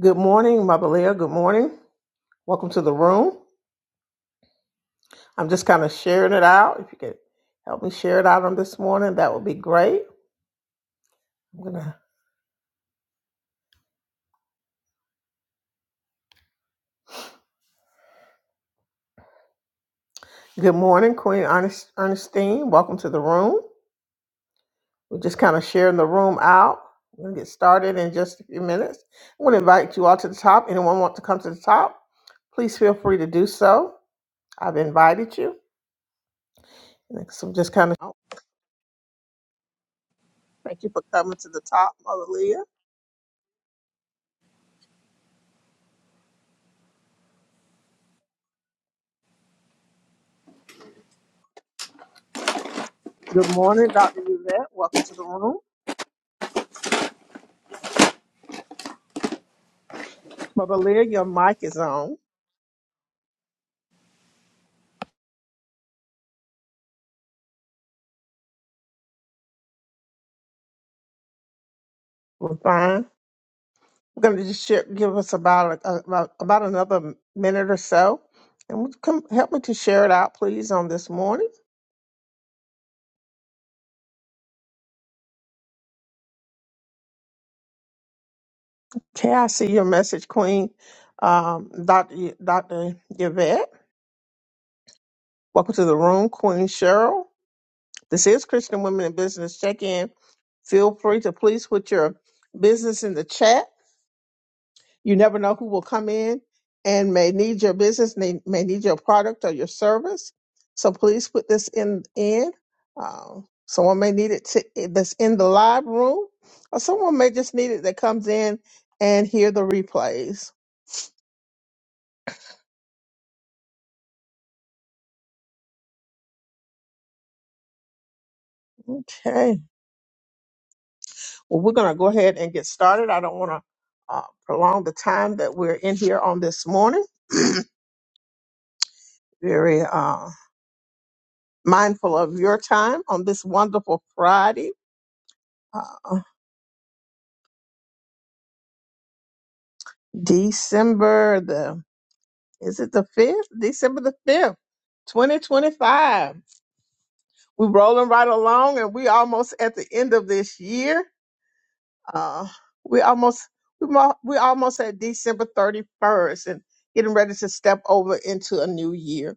Good morning, Mabalea. Good morning. Welcome to the room. I'm just kind of sharing it out. If you could help me share it out on this morning, that would be great. I'm gonna. Good morning, Queen Ernest, Ernestine. Welcome to the room. We're just kind of sharing the room out. We're gonna get started in just a few minutes. I'm gonna invite you all to the top. Anyone want to come to the top? Please feel free to do so. I've invited you. So I'm just kind of. Thank you for coming to the top, Mabalea. Good morning, Dr. Yvette. Welcome to the room. Mother Leah, your mic is on. We're fine. We're going to just share, give us about, a, about about another minute or so, and would you come help me to share it out, please, on this morning. Okay, I see your message, Queen um, Doctor Y- Doctor Yvette. Welcome to the room, Queen Cheryl. This is Christian Women in Business Check In. Feel free to please put your business in the chat You never know who will come in and may need your business, may, may need your product or your service. So please put this in. in. Um, someone may need it to, that's in the live room, or someone may just need it that comes in and hear the replays. Okay. Well, we're going to go ahead and get started. I don't want to uh, prolong the time that we're in here on this morning. Very uh, mindful of your time on this wonderful Friday. Uh, December the Is it the 5th? December the 5th, 2025. We're rolling right along and we almost at the end of this year. Uh, we almost we mo- we almost at December 31st and getting ready to step over into a new year.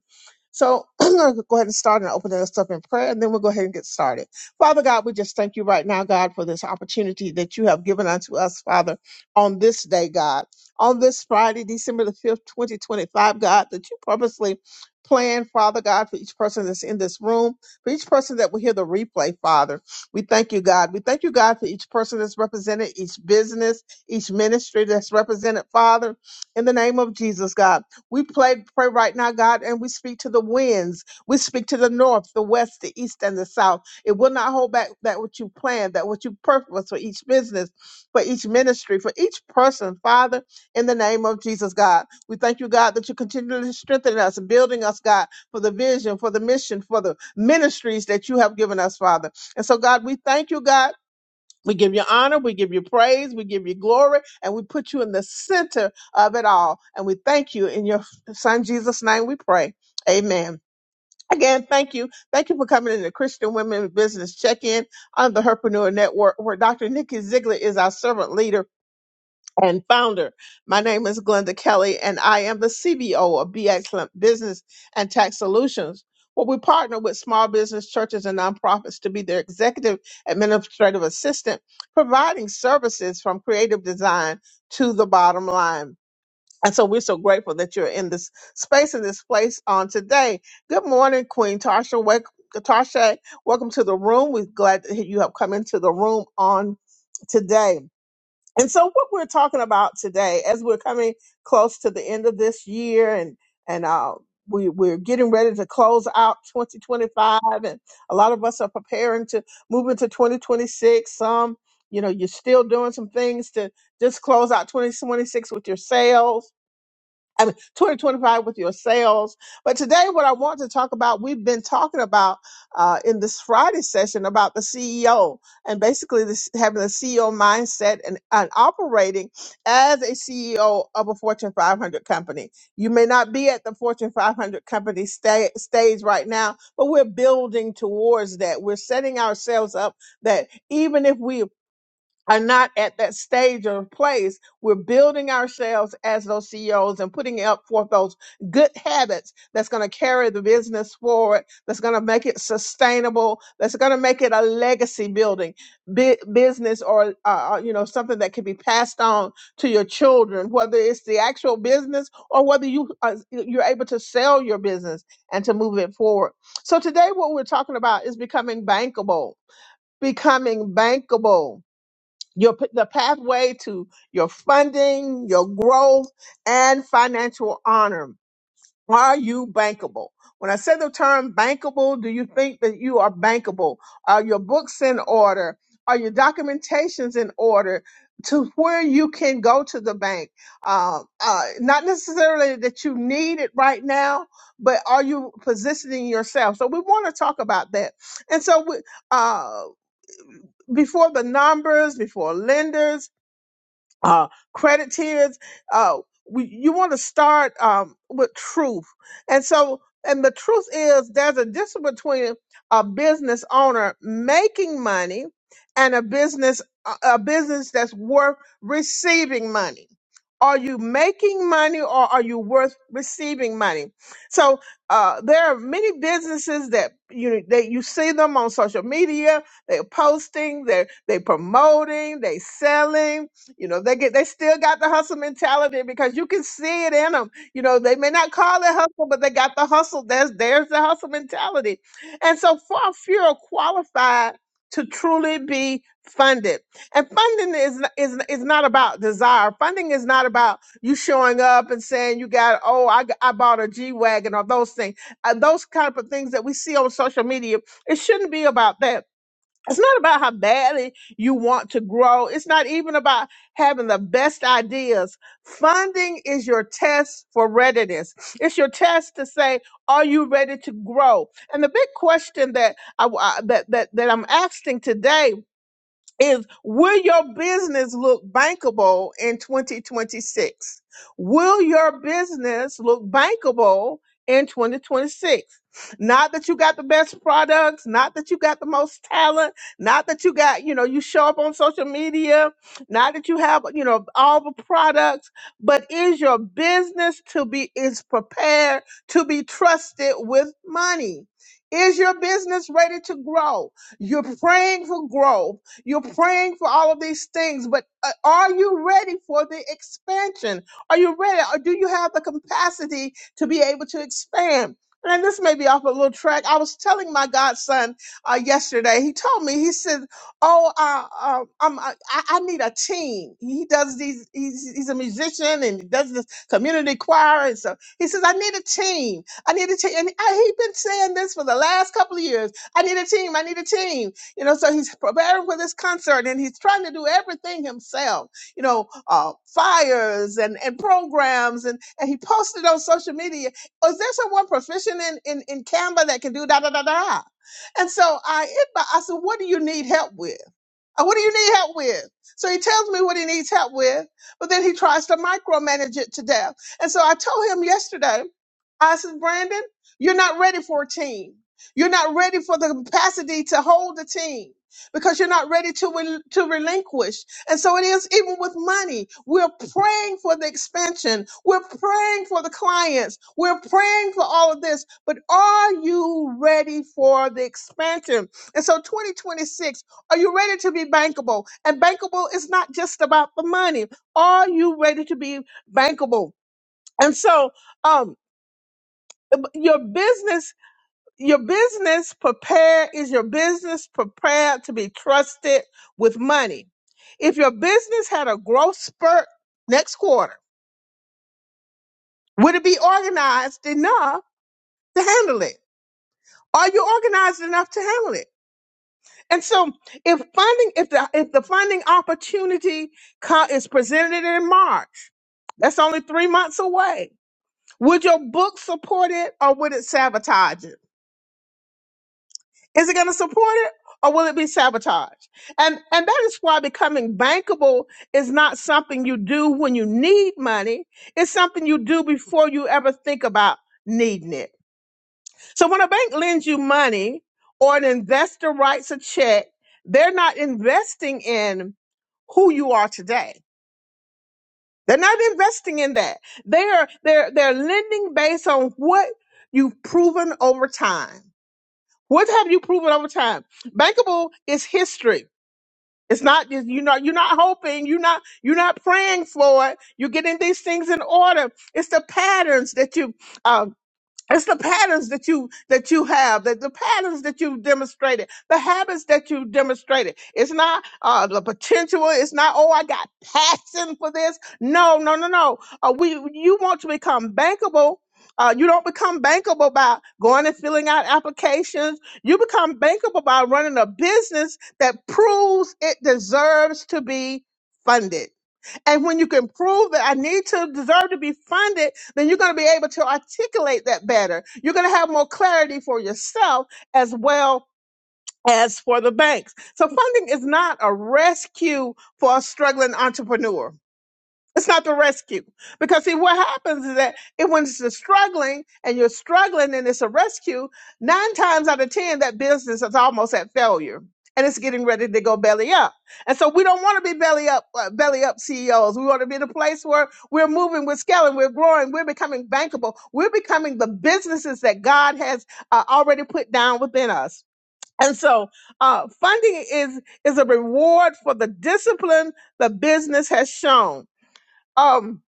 So I'm going to go ahead and start and open us up in prayer, and then we'll go ahead and get started. Father God, we just thank you right now, God, for this opportunity that you have given unto us, Father, on this day, God. On this Friday, December the 5th, 2025, God, that you purposely planned, Father God, for each person that's in this room, for each person that will hear the replay, Father. We thank you, God. We thank you, God, for each person that's represented, each business, each ministry that's represented, Father, in the name of Jesus, God. We pray, pray right now, God, and we speak to the winds. We speak to the north, the west, the east, and the south. It will not hold back that what you planned, that what you purpose for each business, for each ministry, for each person, Father, in the name of Jesus, God. We thank you, God, that you continually strengthen us, building us, God, for the vision, for the mission, for the ministries that you have given us, Father. And so, God, we thank you, God. We give you honor, we give you praise, we give you glory, and we put you in the center of it all. And we thank you in your son Jesus' name we pray. Amen. Again, thank you. Thank you for coming into Christian Women Business Check-In on the Herpreneur Network, where Dr. Nikki Ziegler is our servant leader and founder. My name is Glenda Kelly, and I am the CBO of Be Excellent Business and Tax Solutions, where we partner with small business churches and nonprofits to be their executive administrative assistant, providing services from creative design to the bottom line. And so we're so grateful that you're in this space and this place on today. Good morning, Queen Tasha. Wake, Tasha, welcome to the room. We're glad that you have come into the room on today. And so, what we're talking about today, as we're coming close to the end of this year, and and uh, we we're getting ready to close out 2025, and a lot of us are preparing to move into 2026. Some, you know, you're still doing some things to just close out 2026 with your sales I mean, 2025 with your sales. But today, what I want to talk about, we've been talking about uh, in this Friday session about the CEO and basically this, having a CEO mindset and, and operating as a CEO of a Fortune 500 company. You may not be at the Fortune 500 company sta- stage right now, but we're building towards that. We're setting ourselves up that even if we are not at that stage or place. We're building ourselves as those CEOs and putting up forth those good habits that's going to carry the business forward, that's going to make it sustainable, that's going to make it a legacy building bu- business or, uh, uh, you know, something that can be passed on to your children, whether it's the actual business or whether you, uh, you're able to sell your business and to move it forward. So today what we're talking about is becoming bankable, becoming bankable your p- the pathway to your funding, your growth, and financial honor. Are you bankable? When I say the term bankable, do you think that you are bankable? Are your books in order? Are your documentations in order to where you can go to the bank? Uh, uh, not necessarily that you need it right now, but are you positioning yourself? So we want to talk about that. And so we, uh, before the numbers, before lenders, uh, crediteers. Uh, we, you want to start um, with truth, and so and the truth is there's a difference between a business owner making money and a business a a business that's worth receiving money. Are you making money or are you worth receiving money? So uh, there are many businesses that you that you see them on social media. They're posting, they're they promoting, they selling, you know, they get they still got the hustle mentality because you can see it in them. You know, they may not call it hustle, but they got the hustle. There's there's the hustle mentality. And so far few are qualified to truly be funded. And funding is n- is n- is not about desire. Funding is not about you showing up and saying you got oh I g- I bought a G wagon or those things. Uh, those kind of things that we see on social media. It shouldn't be about that it's not about how badly you want to grow. It's not even about having the best ideas. Funding is your test for readiness. It's your test to say, are you ready to grow? And the big question that I, I- that, that, that I'm asking today is will your business look bankable in 2026? Will your business look bankable in 2026? Not that you got the best products, not that you got the most talent, not that you got, you know, you show up on social media, not that you have, you know, all the products, but is your business to be is prepared to be trusted with money? Is your business ready to grow? You're praying for growth you're praying for all of these things, but uh, are you ready for the expansion? Are you ready? Or do you have the capacity to be able to expand? And this may be off a little track. I was telling my godson uh, yesterday. He told me. He said, "Oh, uh, uh, I'm, I, I I need a team." He does these. He's, he's a musician and he does this community choir, and so he says, "I need a team. I need a team." And I, he's been saying this for the last couple of years. I need a team. I need a team. You know, so he's preparing for this concert and he's trying to do everything himself, you know, uh, flyers and, and programs. And, and he posted on social media, "Oh, is there someone proficient in, in, in Canva that can do da da da da? And so I, hit my- I said, what do you need help with? Uh, What do you need help with? So he tells me what he needs help with, but then he tries to micromanage it to death. And so I told him yesterday, I said, Brandon, you're not ready for a team. You're not ready for the capacity to hold a team because you're not ready to, rel- to relinquish. And so it is even with money. We're praying for the expansion. We're praying for the clients. We're praying for all of this. But are you ready for the expansion? And so 2026 are you ready to be bankable? And bankable is not just about the money. Are you ready to be bankable? And so, um, um, your business, your business prepare is your business prepared to be trusted with money. If your business had a growth spurt next quarter, would it be organized enough to handle it? Are you organized enough to handle it? And so, if funding, if the if the funding opportunity co- is presented in March, that's only three months away. Would your book support it, or would it sabotage it? Is it going to support it, or will it be sabotaged? And and that is why becoming bankable is not something you do when you need money. It's something you do before you ever think about needing it. So when a bank lends you money or an investor writes a check, they're not investing in who you are today. They're not investing in that. They are they're they're lending based on what you've proven over time. What have you proven over time? Bankable is history. It's not just you know you're not hoping, you're not you're not praying for it. You're getting these things in order. It's the patterns that you uh, it's the patterns that you that you have, that the patterns that you've demonstrated, the habits that you've demonstrated. It's not uh, the potential. It's not oh, I got passion for this. No, no, no, no. Uh, we you want to become bankable. Uh, you don't become bankable by going and filling out applications. You become bankable by running a business that proves it deserves to be funded and when you can prove that I need to deserve to be funded, then you're going to be able to articulate that better. You're going to have more clarity for yourself as well as for the banks. So funding is not a rescue for a struggling entrepreneur. It's not the rescue. Because see, what happens is that it, when it's the struggling and you're struggling and it's a rescue, nine times out of 10, that business is almost at failure and it's getting ready to go belly up. And so we don't want to be belly up, uh, belly up CEOs. We want to be the place where we're moving, we're scaling, we're growing, we're becoming bankable. We're becoming the businesses that God has uh, already put down within us. And so uh, funding is, is a reward for the discipline the business has shown um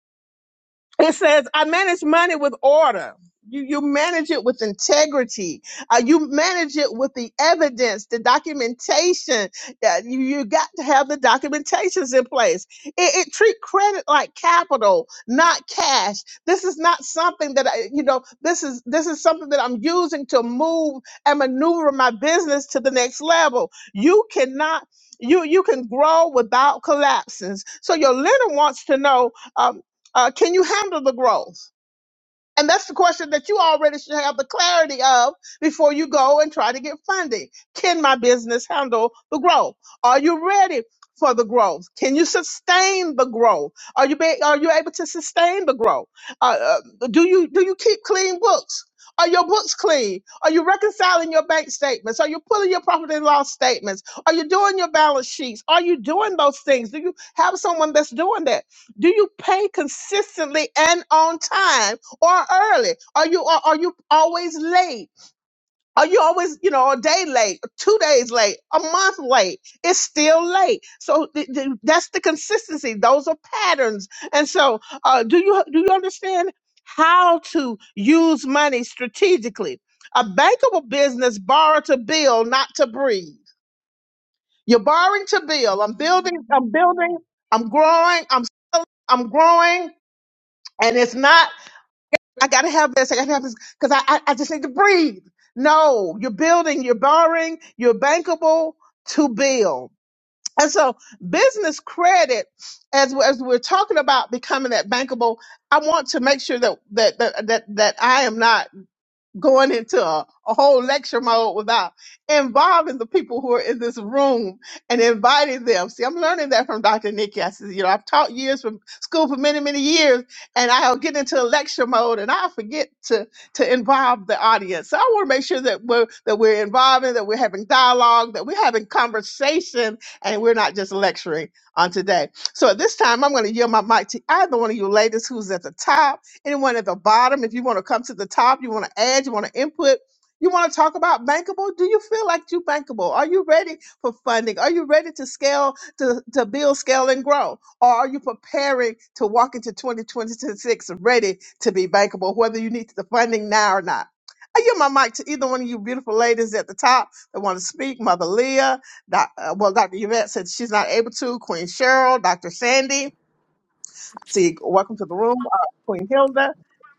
it says i manage money with order you you manage it with integrity uh, you manage it with the evidence the documentation uh, you, you got to have the documentations in place it, it treat credit like capital not cash this is not something that i you know this is this is something that i'm using to move and maneuver my business to the next level you cannot you you can grow without collapses. so your lender wants to know uh, uh, can you handle the growth? And that's the question that you already should have the clarity of before you go and try to get funding. Can my business handle the growth? Are you ready for the growth? Can you sustain the growth? Are you be, are you able to sustain the growth? Uh, uh, do you do you keep clean books? Are your books clean? Are you reconciling your bank statements? Are you pulling your profit and loss statements? Are you doing your balance sheets? Are you doing those things? Do you have someone that's doing that? Do you pay consistently and on time? or early? Are you are, are you always late? Are you always, you know, a day late, two days late, a month late? It's still late. So th- th- that's the consistency. Those are patterns. And so, uh, do you do you understand how to use money strategically? A bankable business borrow to build, not to breathe. You're borrowing to build. I'm building. I'm building. I'm growing. I'm I'm growing, and it's not. I gotta have this. I gotta have this because I, I I just need to breathe. No, you're building, you're borrowing, you're bankable to build. And so business credit, as we- as we're talking about becoming that bankable, I want to make sure that that that that, that I am not going into a, a whole lecture mode without involving the people who are in this room and inviting them. See, I'm learning that from Dr. Nikki. I said, you know, I've taught years from school for many, many years, and I'll get into a lecture mode and I forget to to involve the audience. So I want to make sure that we're that we're involving, that we're having dialogue, that we're having conversation, and we're not just lecturing on today. So at this time, I'm going to yield my mic to either one of you ladies who's at the top anyone at the bottom, if you want to come to the top, you want to add, you want to input, you want to talk about bankable, do you feel like you are bankable? Are you ready for funding? Are you ready to scale, to, to build, scale, and grow? Or are you preparing to walk into 2026 ready to be bankable, whether you need the funding now or not? I give my mic to either one of you beautiful ladies at the top that want to speak. Mother Leah, doc, uh, well, Dr. Yvette said she's not able to. Queen Cheryl, Dr. Sandy. See, welcome to the room, uh, Queen Hilda.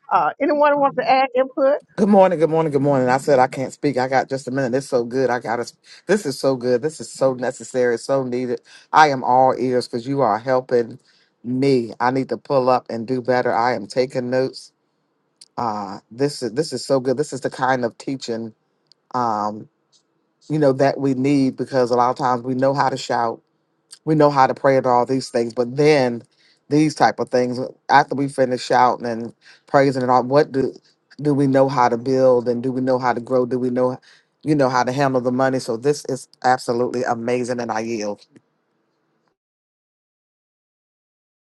Uh, anyone want to add input? Good morning, good morning, good morning. I said I can't speak. I got just a minute. It's so good. I got to. This is so good. This is so necessary. so needed. I am all ears because you are helping me. I need to pull up and do better. I am taking notes. Uh, this is this is so good. This is the kind of teaching um, you know that we need because a lot of times we know how to shout we know how to pray and all these things but then these type of things after we finish shouting and praising and all what do do we know how to build and do we know how to grow do we know you know how to handle the money so this is absolutely amazing and i yield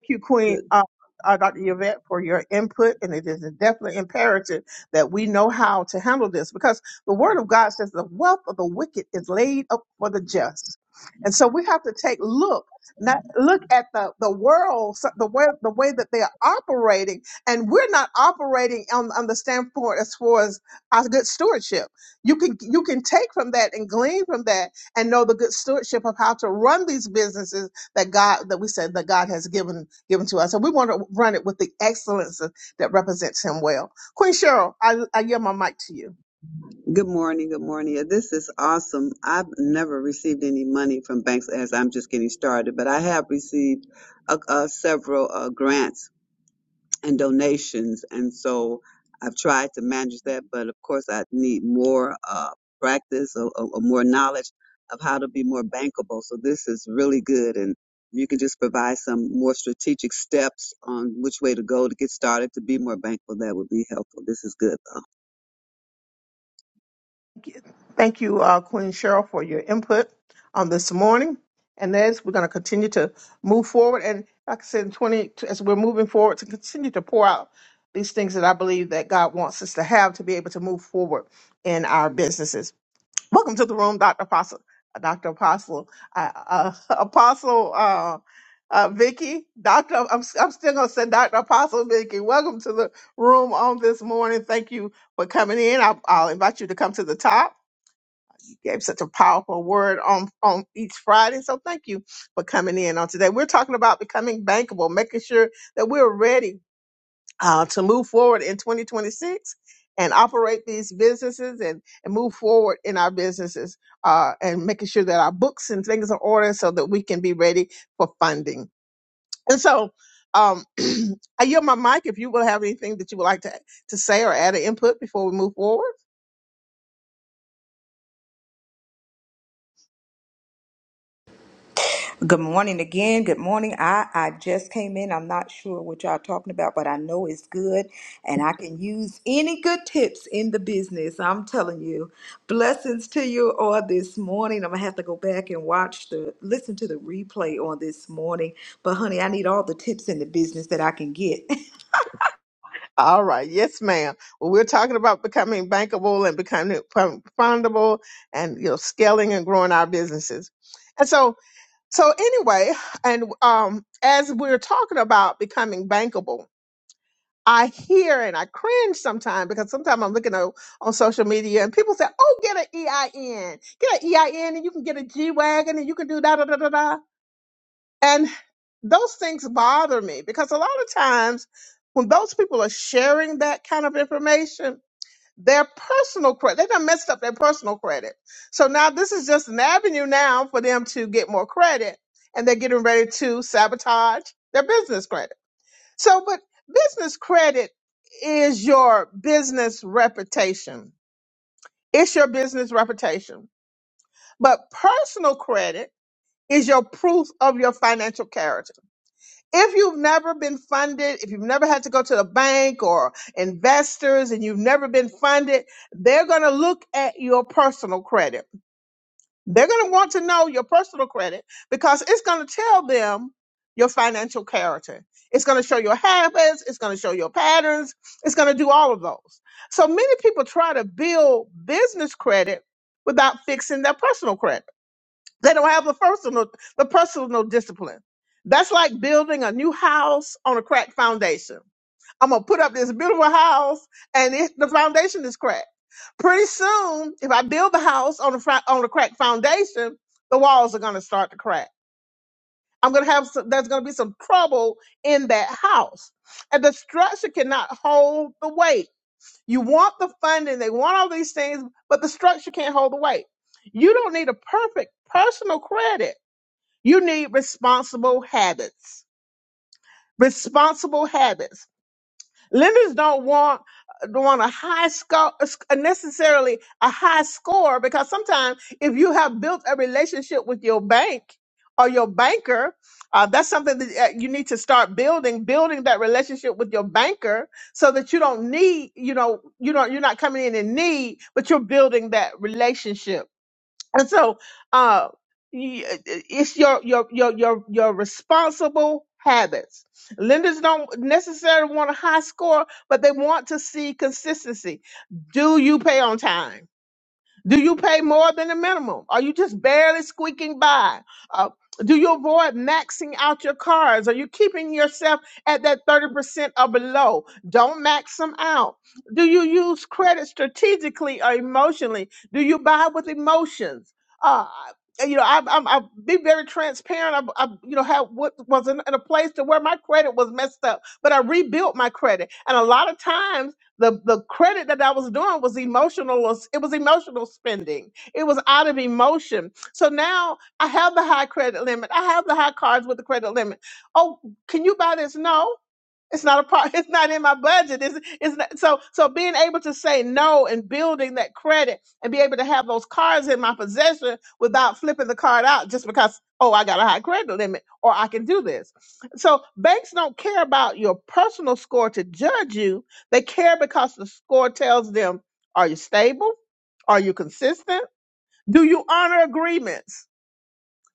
Thank you, Queen Good, uh, uh, Dr. Yvette, for your input. And it is definitely imperative that we know how to handle this because the Word of God says the wealth of the wicked is laid up for the just. And so we have to take look, not look at the the world, so- the way the way that they are operating, and we're not operating on, on the standpoint as far as our good stewardship. You can you can take from that and glean from that, and know the good stewardship of how to run these businesses that God that we said that God has given given to us, and we want to run it with the excellence that represents Him well. Queen Cheryl, I, I yield my mic to you. good morning. Good morning. Yeah, This is awesome. I've never received any money from banks as I'm just getting started, but I have received uh, uh, several uh, grants and donations. And so I've tried to manage that, but of course I need more uh, practice or, or, or more knowledge of how to be more bankable. So this is really good. And you can just provide some more strategic steps on which way to go to get started to be more bankable. That would be helpful. This is good though. Thank you, uh, Queen Cheryl, for your input on this morning. And as we're going to continue to move forward, and like I said, in twenty as we're moving forward, to continue to pour out these things that I believe that God wants us to have to be able to move forward in our businesses. Welcome to the room, Dr. Apostle. uh, Dr. Apostle, uh, uh, Apostle uh, uh, Vicky. Dr. I'm, I'm still going to say Dr. Apostle Vicky. Welcome to the room on this morning. Thank you for coming in. I'll, I'll invite you to come to the top. You gave such a powerful word on, on each Friday. So thank you for coming in on today. We're talking about becoming bankable, making sure that we're ready uh, to move forward in 2026 and operate these businesses and, and move forward in our businesses uh, and making sure that our books and things are ordered so that we can be ready for funding. And so um, I yield my mic if you will have anything that you would like to, to say or add an input before we move forward. Good morning again. Good morning. I, I just came in. I'm not sure what y'all talking about, but I know it's good and I can use any good tips in the business. I'm telling you. Blessings to you all this morning. I'm gonna have to go back and watch the listen to the replay on this morning. But honey, I need all the tips in the business that I can get. All right. Yes, ma'am. Well, we're talking about becoming bankable and becoming fun- fundable and, you know, scaling and growing our businesses. And so, so anyway, and, um, as we're talking about becoming bankable, I hear and I cringe sometimes because sometimes I'm looking on, on social media and people say, Oh, get an EIN, get an EIN and you can get a G Wagon and you can do da da da da da. And those things bother me because a lot of times when those people are sharing that kind of information, their personal credit, they done messed up their personal credit. So now this is just an avenue now for them to get more credit and they're getting ready to sabotage their business credit. So, but business credit is your business reputation. It's your business reputation. But personal credit is your proof of your financial character if you've never been funded, if you've never had to go to the bank or investors and you've never been funded, they're going to look at your personal credit. They're going to want to know your personal credit because it's going to tell them your financial character. It's going to show your habits. It's going to show your patterns. It's going to do all of those. So many people try to build business credit without fixing their personal credit. They don't have the personal the personal discipline. That's like building a new house on a cracked foundation. I'm gonna put up this beautiful house, and it, the foundation is cracked. Pretty soon, if I build the house on a fra- on a cracked foundation, the walls are gonna start to crack. I'm gonna have some, there's gonna be some trouble in that house, and the structure cannot hold the weight. You want the funding, they want all these things, but the structure can't hold the weight. You don't need a perfect personal credit you need responsible habits. Responsible habits. Lenders don't want don't want a high score necessarily a high score because sometimes if you have built a relationship with your bank or your banker, uh, that's something that uh, you need to start building, building that relationship with your banker so that you don't need, you know, you don't you're not coming in in need, but you're building that relationship And so, uh, y- uh, uh, it's your your your your your responsible habits. Lenders don't necessarily want a high score, but they want to see consistency. Do you pay on time? Do you pay more than the minimum? Are you just barely squeaking by? Uh, do you avoid maxing out your cards? Are you keeping yourself at that 30% or below? Don't max them out. Do you use credit strategically or emotionally? Do you buy with emotions? Uh, you know, I've, I'm, I've been very transparent. I've, I've you know, had what was in, in a place to where my credit was messed up, but I rebuilt my credit. And a lot of times, the the credit that I was doing was emotional. It was emotional spending. It was out of emotion. So now I have the high credit limit. I have the high cards with the credit limit. Oh, can you buy this? No. It's not a part. It's not in my budget. It's, it's not, so so being able to say no and building that credit and be able to have those cards in my possession without flipping the card out just because oh I got a high credit limit or I can do this. So banks don't care about your personal score to judge you. They care because the score tells them are you stable, are you consistent, do you honor agreements,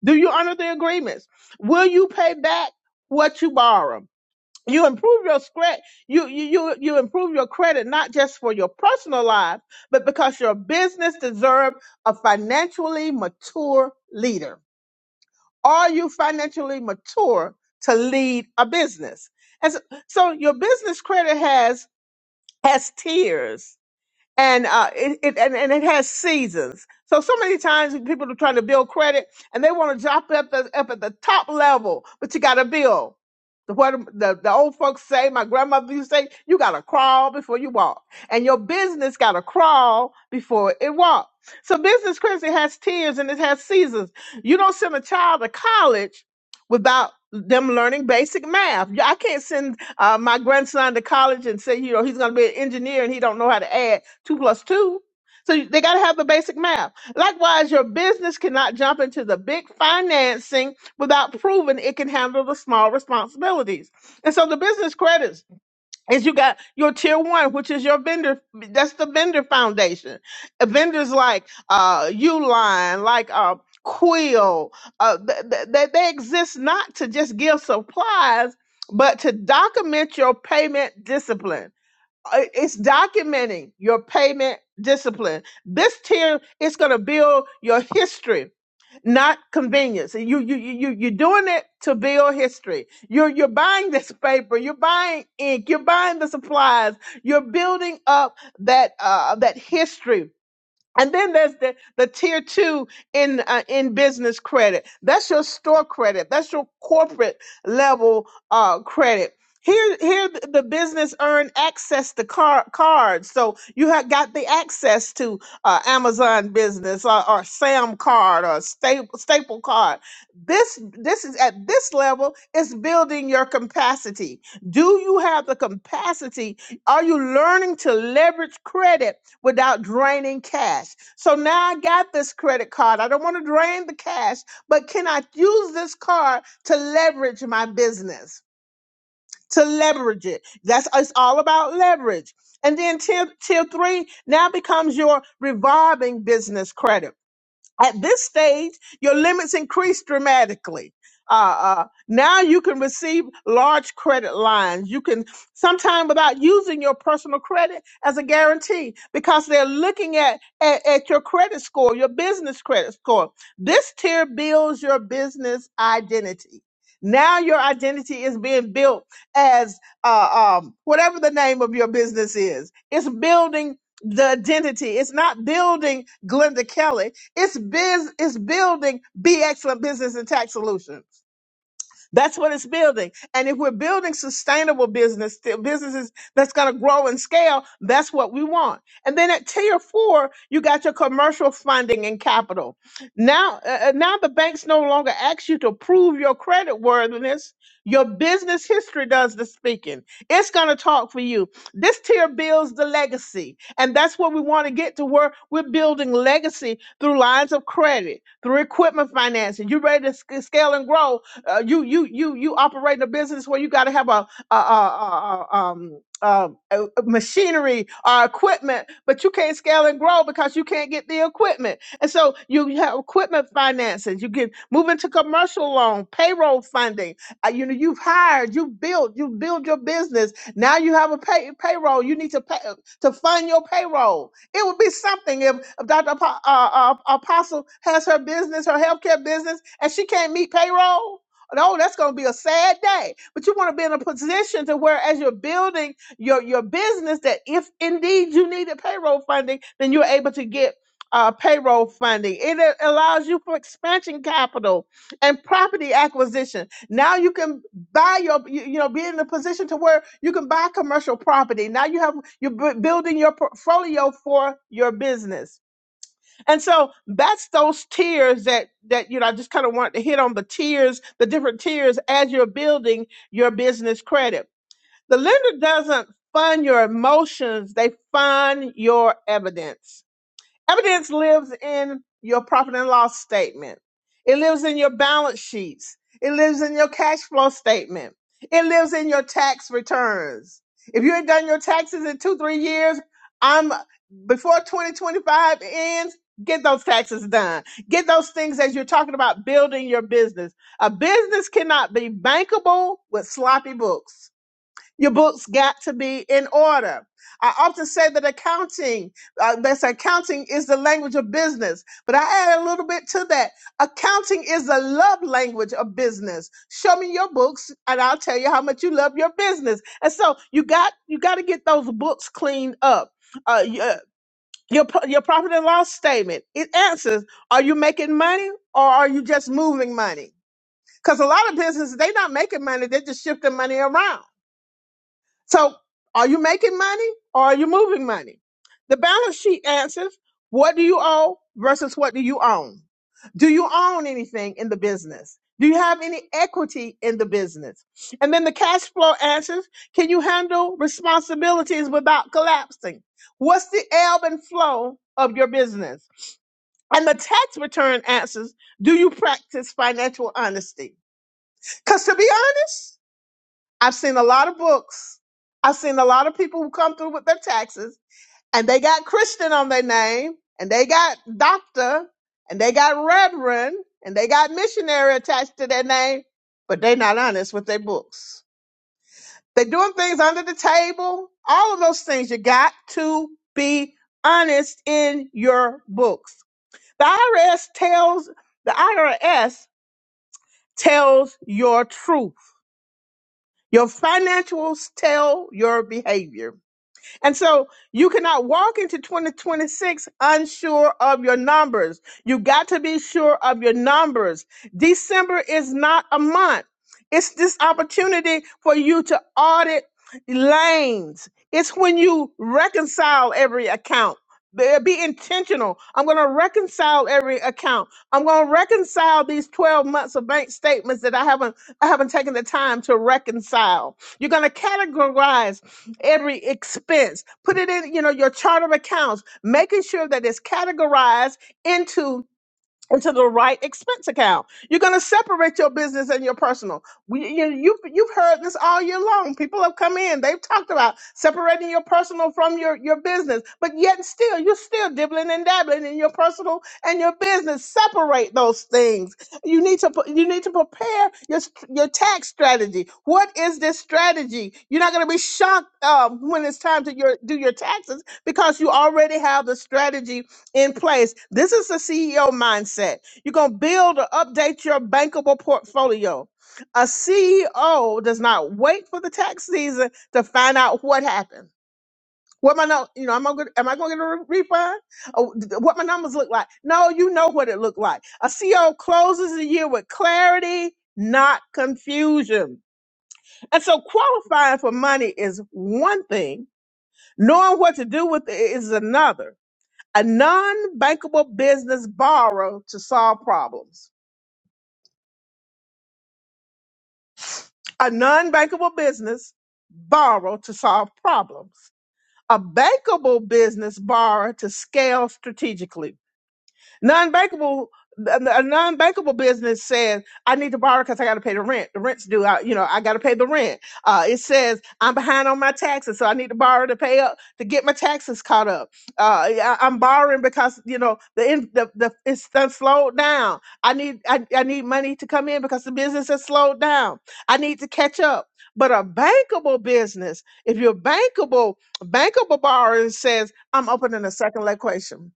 do you honor the agreements, will you pay back what you borrow you improve your credit you, you you you improve your credit not just for your personal life but because your business deserve a financially mature leader are you financially mature to lead a business and so, so your business credit has has tiers and uh, it, it and, and it has seasons. So so many times people are trying to build credit and they want to drop it up the, up at the top level, but you got to build. The- What the, the old folks say, my grandmother used to say, you got to crawl before you walk, and your business got to crawl before it walk. So business credit has tiers and it has seasons. You don't send a child to college without them learning basic math. I can't send uh, my grandson to college and say, you know, he's going to be an engineer and he don't know how to add two plus two. So they got to have the basic math. Likewise, your business cannot jump into the big financing without proving it can handle the small responsibilities. And so the business credits is you got your tier one, which is your vendor. That's the vendor foundation. Uh, Vendors like uh, Uline, like uh, Quill, uh, th- th- they they exist not to just give supplies, but to document your payment discipline uh, it's documenting your payment discipline. This tier is going to build your history, not convenience. And You you you you- you're doing it to build history. You're you're buying this paper. You're buying ink. You're buying the supplies. You're building up that uh, that history and then there's the, the tier two in uh, in business credit. That's your store credit. That's your corporate level uh, credit. Here, here th- the business earn access to car, cards. So you have got the access to uh, Amazon business or, or Sam card or staple, staple card. This this is at this level is building your capacity. Do you have the capacity? Are you learning to leverage credit? without draining cash. So now I got this credit card. I don't want to drain the cash, but can I use this card to leverage my business? To leverage it. That's it's all about leverage. And then tier, tier three now becomes your revolving business credit at this stage, your limits increase dramatically. Uh, uh, now you can receive large credit lines. You can sometime without using your personal credit as a guarantee because they're looking at, at, at your credit score, your business credit score. This tier builds your business identity. Now your identity is being built as uh, um, whatever the name of your business is. It's building the identity. It's not building Glenda Kelly it's biz it's building be excellent business and tax solutions. That's what it's building. And if we're building sustainable business, businesses that's going to grow and scale, that's what we want. And then at tier four, you got your commercial funding and capital. Now, uh, uh, now the banks no longer ask you to prove your credit worthiness. Your business history does the speaking. It's going to talk for you. This tier builds the legacy. And that's what we want to get to where we're building legacy through lines of credit, through equipment financing. You are ready to sc- scale and grow? Uh, you you you you operate in a business where you got to have a, a, a, a, um uh, a- a machinery or equipment, but you can't scale and grow because you can't get the equipment. And so you have equipment financing. You can move into commercial loan, payroll funding. Uh, you know you've hired, you've built, you build your business. Now you have a pay, payroll. You need to pay to fund your payroll. It would be something if, if Dr. Apo- uh, uh, Apostle has her business, her healthcare business, and she can't meet payroll. Oh, that's going to be a sad day. But you want to be in a position to where, as you're building your your business, that if indeed you needed payroll funding, then you're able to get uh, payroll funding. It a- allows you for expansion capital and property acquisition. Now you can buy your, you, you know, be in a position to where you can buy commercial property. Now you have you're bu- building your portfolio for your business. And so that's those tiers that that you know I just kind of want to hit on the tiers, the different tiers as you're building your business credit. The lender doesn't fund your emotions, they fund your evidence. Evidence lives in your profit and loss statement. It lives in your balance sheets. It lives in your cash flow statement. It lives in your tax returns. If you ain't done your taxes in two, three years, I'm before 2025 ends, get those taxes done. Get those things as you're talking about building your business. A business cannot be bankable with sloppy books. Your books got to be in order. I often say that accounting, uh, that's accounting is the language of business, but I add a little bit to that. Accounting is the love language of business. Show me your books and I'll tell you how much you love your business. And so you got, you got to get those books cleaned up. Uh, your, your, pro- your profit and loss statement, it answers, are you making money or are you just moving money? Because a lot of businesses, they're not making money. They're just shifting money around. So are you making money or are you moving money? The balance sheet answers what do you owe versus what do you own? Do you own anything in the business? Do you have any equity in the business? And then the cash flow answers can you handle responsibilities without collapsing? What's the ebb and flow of your business? And the tax return answers do you practice financial honesty? Because to be honest, I've seen a lot of books. I've seen a lot of people who come through with their taxes and they got Christian on their name and they got doctor and they got reverend and they got missionary attached to their name, but they're not honest with their books. They're doing things under the table. All of those things. You got to be honest in your books. The IRS tells, the IRS tells your truth. Your financials tell your behavior. And so you cannot walk into 2026 unsure of your numbers. You got to be sure of your numbers. December is not a month. It's this opportunity for you to audit lanes. It's when you reconcile every account. Be be intentional. I'm going to reconcile every account. I'm going to reconcile these 12 months of bank statements that I haven't I haven't taken the time to reconcile. You're going to categorize every expense. Put it in, you know, your chart of accounts, making sure that it's categorized into into the right expense account. You're going to separate your business and your personal. We, you, you, you've heard this all year long. People have come in, they've talked about separating your personal from your, your business, but yet and still, you're still dibbling and dabbling in your personal and your business. Separate those things. You need to, put- you need to prepare your, st- your tax strategy. What is this strategy? You're not going to be shocked uh, when it's time to your, do your taxes because you already have the strategy in place. This is the CEO mindset. You're going to build or update your bankable portfolio. A CEO does not wait for the tax season to find out what happened. What my no, you know, am I gonna am I gonna get a re- refund? Oh, th- what my numbers look like? No, you know what it looked like. A CEO closes the year with clarity, not confusion. And so, qualifying for money is one thing; knowing what to do with it is another a non-bankable business borrow to solve problems. A non-bankable business borrow to solve problems. A bankable business borrow to scale strategically. Non-bankable, a non-bankable business says, "I need to borrow because I got to pay the rent. The rent's due. I, you know, I got to pay the rent." Uh, it says, "I'm behind on my taxes, so I need to borrow to pay up to get my taxes caught up." Uh, yeah, I, I'm borrowing because you know the in, the, the it's done slowed down. I need I, I need money to come in because the business has slowed down. I need to catch up. But a bankable business, if you're bankable, bankable borrowing says, "I'm opening a second location."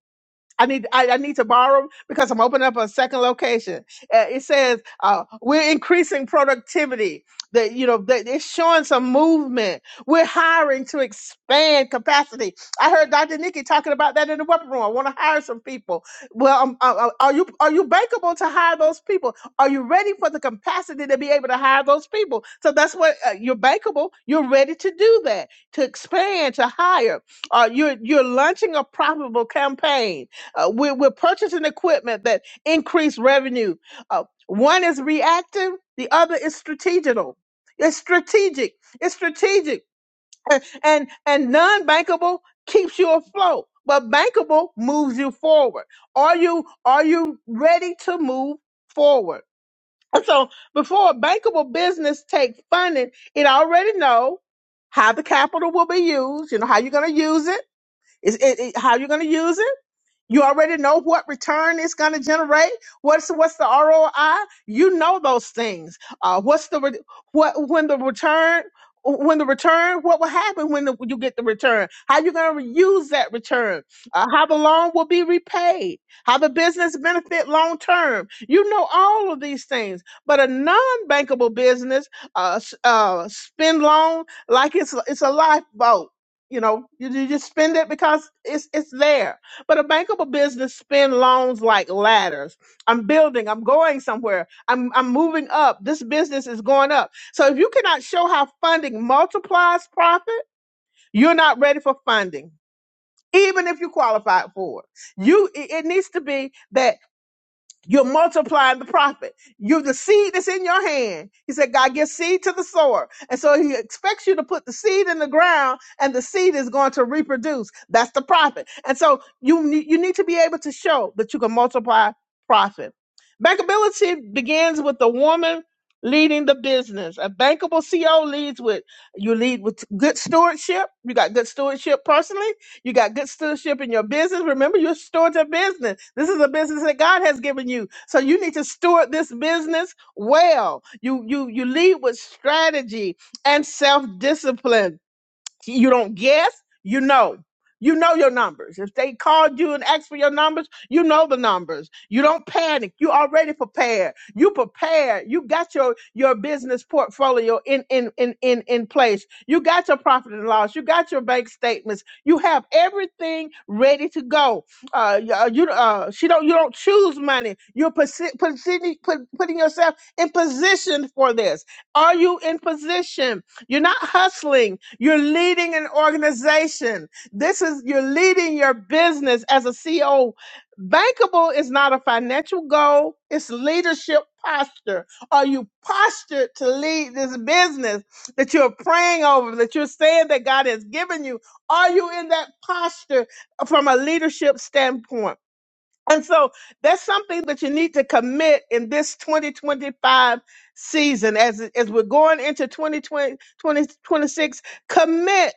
I need I, I need to borrow 'em because I'm opening up a second location. Uh, it says uh, we're increasing productivity. That you know that it's showing some movement. We're hiring to expand capacity. I heard Dr. Nikki talking about that in the weapon room. I want to hire some people. Well, um, uh, uh, are you are you bankable to hire those people? Are you ready for the capacity to be able to hire those people? So that's what uh, you're bankable. You're ready to do that to expand to hire. Uh, you're you're launching a profitable campaign uh, we're, we're purchasing equipment that increase revenue. Uh, one is reactive, the other is strategical. It's strategic. It's strategic. A- And and non-bankable keeps you afloat, but bankable moves you forward. Are you are you ready to move forward? And so before a bankable business take funding, it already know how the capital will be used. You know how you're going to use it. Is it, it- how you're going to use it? You already know what return it's going to generate. What's what's the ROI? You know those things. Uh, what's the re- what when the return when the return what will happen when the, you get the return? How you going to use that return? Uh, how the loan will be repaid? How the business benefit long term? You know all of these things. But a non bankable business uh, s- uh, spend loan like it's it's a lifeboat. You know, you, you just spend it because it's it's there but a bankable business spin loans like ladders. I'm building, I'm going somewhere, I'm, I'm moving up. This business is going up. So if you cannot show how funding multiplies profit, you're not ready for funding, even if you qualify for it. You it it needs to be that you're multiplying the prophet. You're the seed that's in your hand. He said, God gives seed to the sower. And so he expects you to put the seed in the ground and the seed is going to reproduce. That's the prophet. And so you, ne- you need to be able to show that you can multiply profit. Bankability begins with the woman leading the business. A bankable CO leads with, you lead with good stewardship. You got good stewardship personally you got good stewardship in your business. Remember, you're stewards of business. This is a business that God has given you. So you need to steward this business well. You you you lead with strategy and self-discipline. You don't guess. You know. You know your numbers. If they called you and asked for your numbers, you know the numbers. You don't panic. You already prepared. You prepared. You got your your business portfolio in in in in in place. You got your profit and loss. You got your bank statements. You have everything ready to go. Uh, you uh, you, uh, she don't you don't choose money. You're posi- positioning- put, putting yourself in position for this. Are you in position? You're not hustling. You're leading an organization. This is, you're leading your business as a CEO. Bankable is not a financial goal. It's leadership posture. Are you postured to lead this business that you're praying over, that you're saying that God has given you? Are you in that posture from a leadership standpoint? And so that's something that you need to commit in this 2025 season as, as we're going into 2020, 2026. Commit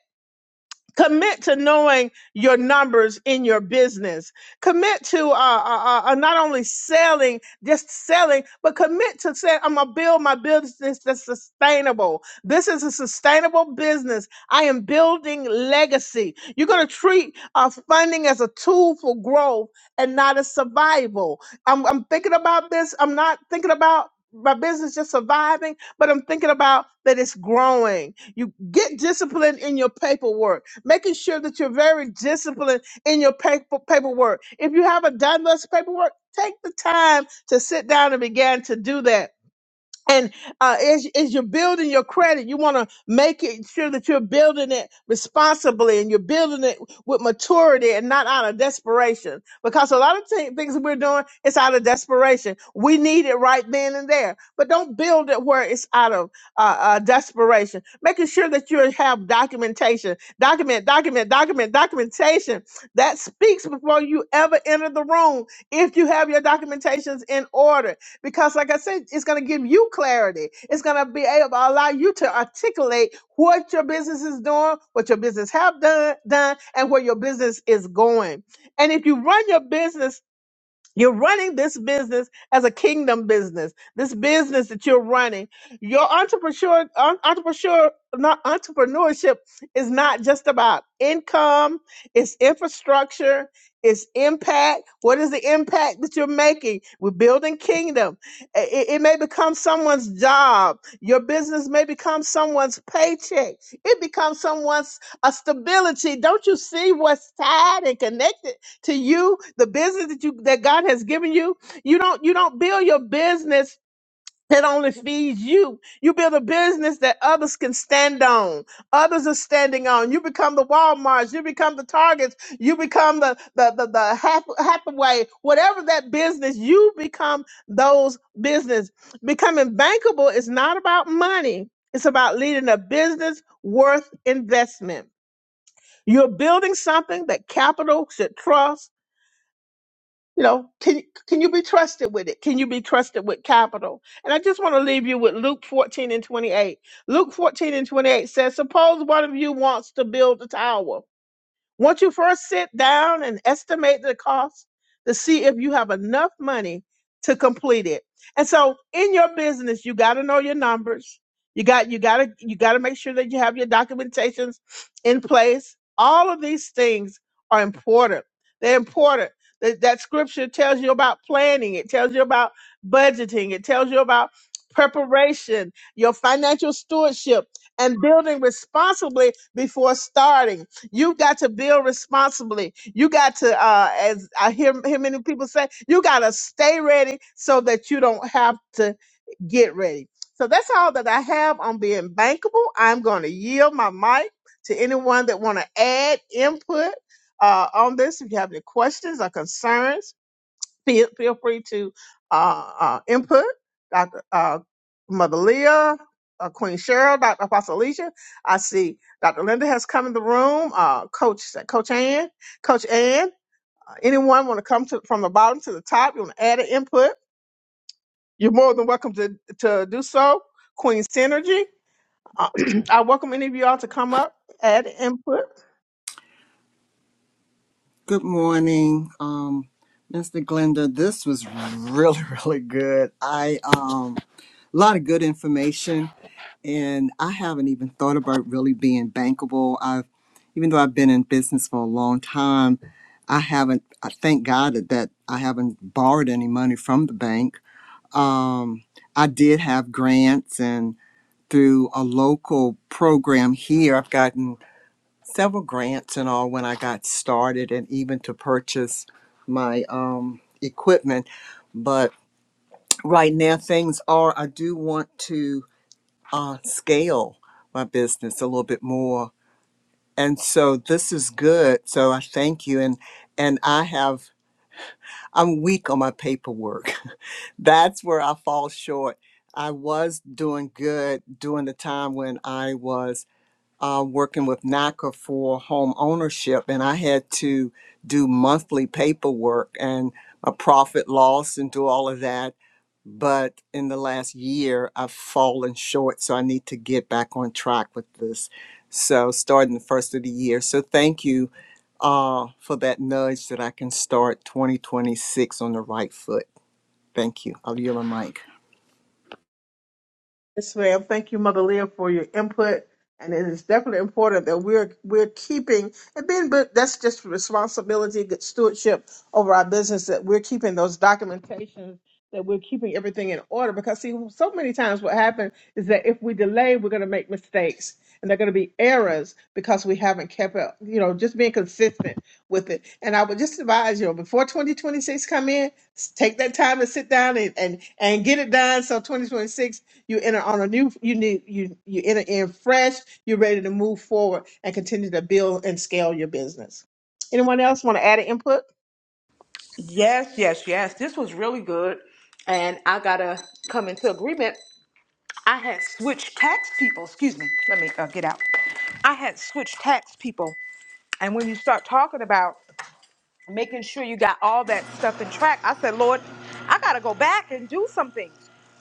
commit to knowing your numbers in your business commit to uh, uh, uh, uh, not only selling just selling but commit to saying i'm gonna build my business that's sustainable this is a sustainable business i am building legacy you're gonna treat uh, funding as a tool for growth and not as survival I'm, I'm thinking about this i'm not thinking about my business just surviving, but I'm thinking about that it's growing. You get disciplined in your paperwork making sure that you're very disciplined in your paper, paperwork. If you haven't done this paperwork, take the time to sit down and begin to do that and uh, as, as you're building your credit, you want to make it sure that you're building it responsibly and you're building it with maturity and not out of desperation. Because a lot of thi- things we're doing, it's out of desperation. We need it right then and there, but don't build it where it's out of uh, uh, desperation. Making sure that you have documentation, document, document, document, documentation that speaks before you ever enter the room. If you have your documentations in order, because like i said it's going to give you clarity it's going to be able to allow you to articulate what your business is doing what your business have done done and where your business is going and if you run your business you're running this business as a kingdom business. This business that you're running, your entrepreneur, en- entrepreneur, not entrepreneurship is not just about income. It's infrastructure. It's impact. What is the impact that you're making? We're building kingdom. I- It, it may become someone's job. Your business may become someone's paycheck. It becomes someone's a stability. Don't you see what's tied and connected? to you the business that you that god has given you you don't you don't build your business that only feeds you you build a business that others can stand on others are standing on you become the walmarts you become the targets you become the the the, the half hathaway whatever that business you become those business becoming bankable is not about money it's about leading a business worth investment you're building something that capital should trust you know can can you be trusted with it can you be trusted with capital and i just want to leave you with luke 14 and 28 luke 14 and 28 says suppose one of you wants to build a tower once you first sit down and estimate the cost to see if you have enough money to complete it. And so in your business, you got to know your numbers. You got you got to you got to make sure that you have your documentations in place. All of these things are important. They're important. That, that scripture tells you about planning. It tells you about budgeting. It tells you about preparation, your financial stewardship, and building responsibly before starting. You got to build responsibly. You got to, uh, as I hear, hear many people say, you got to stay ready so that you don't have to get ready. So that's all that I have on being bankable. I'm going to yield my mic to anyone that want to add input uh, on this. If you have any questions or concerns, Feel, feel free to uh, uh, input Dr. Uh, Mother Leah, uh, Queen Cheryl, Dr. Apostle Alicia. I see Dr. Linda has come in the room. Uh, Coach Coach Ann, Coach Ann. uh, Anyone want to come to from the bottom to the top? You want to add an input? You're more than welcome to to do so. Queen Synergy. Uh, I welcome any of you all to come up, add input. Good morning, um, Mr. Glenda. This was really, really good. I um, a lot of good information, and I haven't even thought about really being bankable. I've, even though I've been in business for a long time, I haven't. I thank God that that I haven't borrowed any money from the bank. Um, I did have grants, and through a local program here, I've gotten several grants and all when I got started and even to purchase my um, equipment. But right now, things are, I do want to uh, scale my business a little bit more. And so this is good. So I thank you. And, and I have, I'm weak on my paperwork. That's where I fall short. I was doing good during the time when I was uh, working with NACA for home ownership, and I had to do monthly paperwork and a profit loss and do all of that. But in the last year, I've fallen short, so I need to get back on track with this. So, starting the first of the year. So, thank you uh, for that nudge that I can start 2026 on the right foot. Thank you. I'll yield my mic. Yes, ma'am. Thank you, Mother Leah, for your input. And it is definitely important that we're we're keeping and being, but that's just responsibility, good stewardship over our business. That we're keeping those documentations, that we're keeping everything in order. Because see, so many times what happens is that if we delay, we're going to make mistakes, and they're going to be errors because we haven't kept up. You know, just being consistent with it. And I would just advise you before 2026 come in, s- take that time to sit down and and, and get it done. So 2026 you enter on a new you need you you enter in fresh, you're ready to move forward and continue to build and scale your business. Anyone else want to add an input? Yes, yes, yes. This was really good. And I got to come into agreement, switch tax people. Excuse me. Let me uh, get out. I had switched tax people. And when you start talking about making sure you got all that stuff in track, I said, Lord, I got to go back and do something,"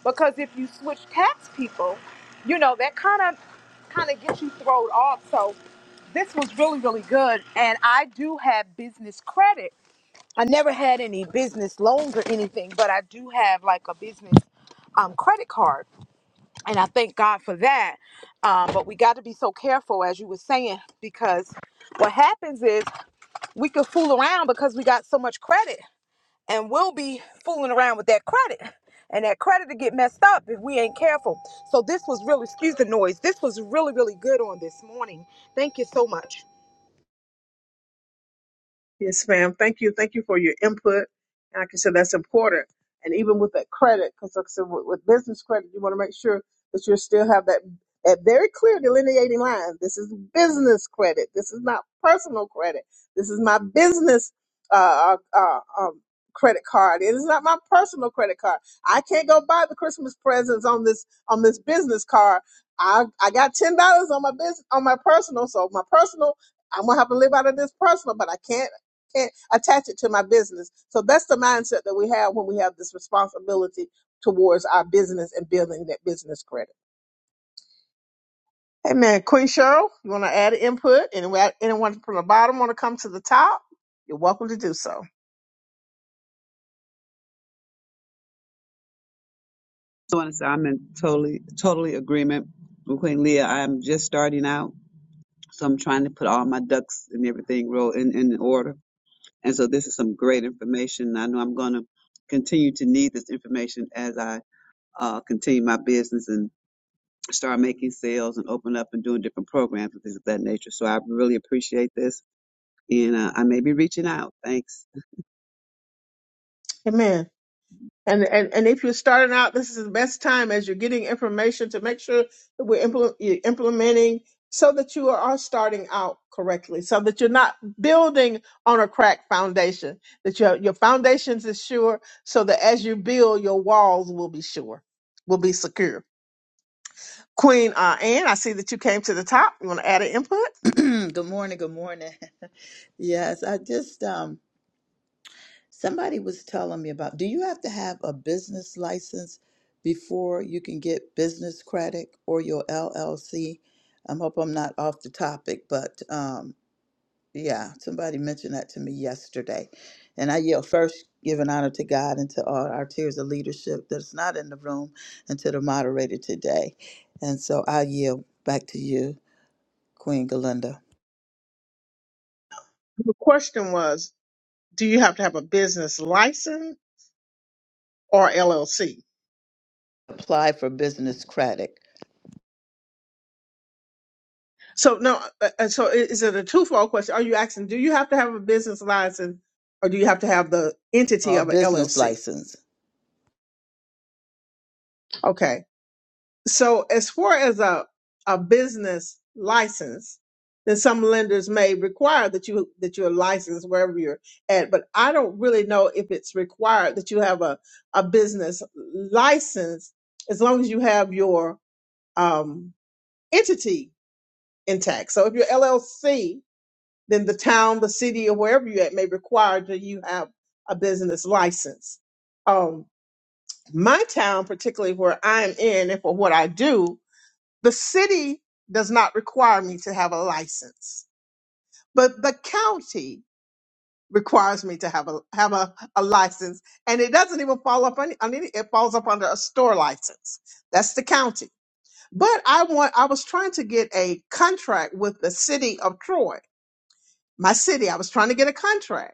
because if you switch tax people, you know that kind of kind of gets you thrown off. So this was really really good, and I do have business credit. I never had any business loans or anything, but I do have like a business um, credit card, and I thank God for that. Um, but we got to be so careful, as you were saying, because what happens is we can fool around because we got so much credit and we'll be fooling around with that credit and that credit to get messed up if we ain't careful so this was really excuse the noise this was really really good on this morning thank you so much Yes, ma'am. Thank you. Thank you for your input. And like I can say that's important. And even with that credit, because like I said, with, with business credit, you want to make sure that you still have that that very clear delineating line. This is business credit. This is not personal credit. This is my business uh, uh, uh, um, credit card. It is not my personal credit card. I can't go buy the Christmas presents on this on this business card. I I got ten dollars on my business on my personal, so my personal I'm gonna have to live out of this personal, but I can't can't attach it to my business. So that's the mindset that we have when we have this responsibility towards our business and building that business credit. Amen. Queen Cheryl, you want to add input? Anyone, anyone from the bottom want to come to the top? You're welcome to do so. So like I want to say I'm in totally, totally agreement with Queen Leah. I'm just starting out, so I'm trying to put all my ducks and everything roll in, in order. And so this is some great information. I know I'm going to continue to need this information as I uh, continue my business and start making sales and open up and doing different programs and things of that nature. So I really appreciate this, and uh, I may be reaching out. Thanks. Amen. And, and and if you're starting out, this is the best time as you're getting information to make sure that we're implement, you're implementing so that you are starting out correctly, so that you're not building on a cracked foundation, that your your foundations is sure, so that as you build, your walls will be sure, will be secure. Queen uh, Anne, I see that you came to the top. You want to add an input? good morning. Good morning. yes, I just um somebody was telling me about do you have to have a business license before you can get business credit or your LLC? I hope I'm not off the topic, but um yeah, somebody mentioned that to me yesterday. And I yell first giving honor to God and to all our tiers of leadership that's not in the room and to the moderator today. And so I yield back to you, Queen Galinda. The question was, do you have to have a business license or LLC? apply for business credit, So no, uh, uh, so i- is it a twofold question? Are you asking, do you have to have a business license or do you have to have the entity uh, of an business LLC? license. Okay. So as far as a, a business license, then some lenders may require that you that you're licensed wherever you're at. But I don't really know if it's required that you have a, a business license as long as you have your um, entity intact. So if you're LLC, then the town, the city, or wherever you're at may require that you have a business license. Um, my town, particularly where I'm in, and for what I do, the city does not require me to have a license, but the county requires me to have a have a, a license, and it doesn't even fall up on, on any. It falls up under a store license. That's the county. But I want. I was trying to get a contract with the city of Troy, my city. I was trying to get a contract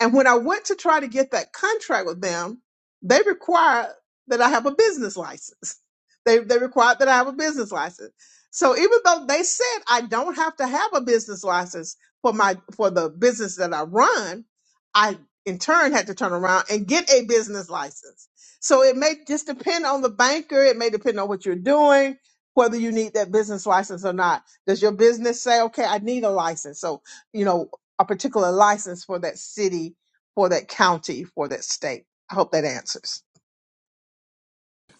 and when I went to try to get that contract with them, they require that I have a business license. They they required that I have a business license. So even though they said I don't have to have a business license for my for the business that I run, I in turn had to turn around and get a business license. So it may just depend on the banker, it may depend on what you're doing, whether you need that business license or not. Does your business say, okay, I need a license? So, you know, a particular license for that city, for that county, for that state. I hope that answers.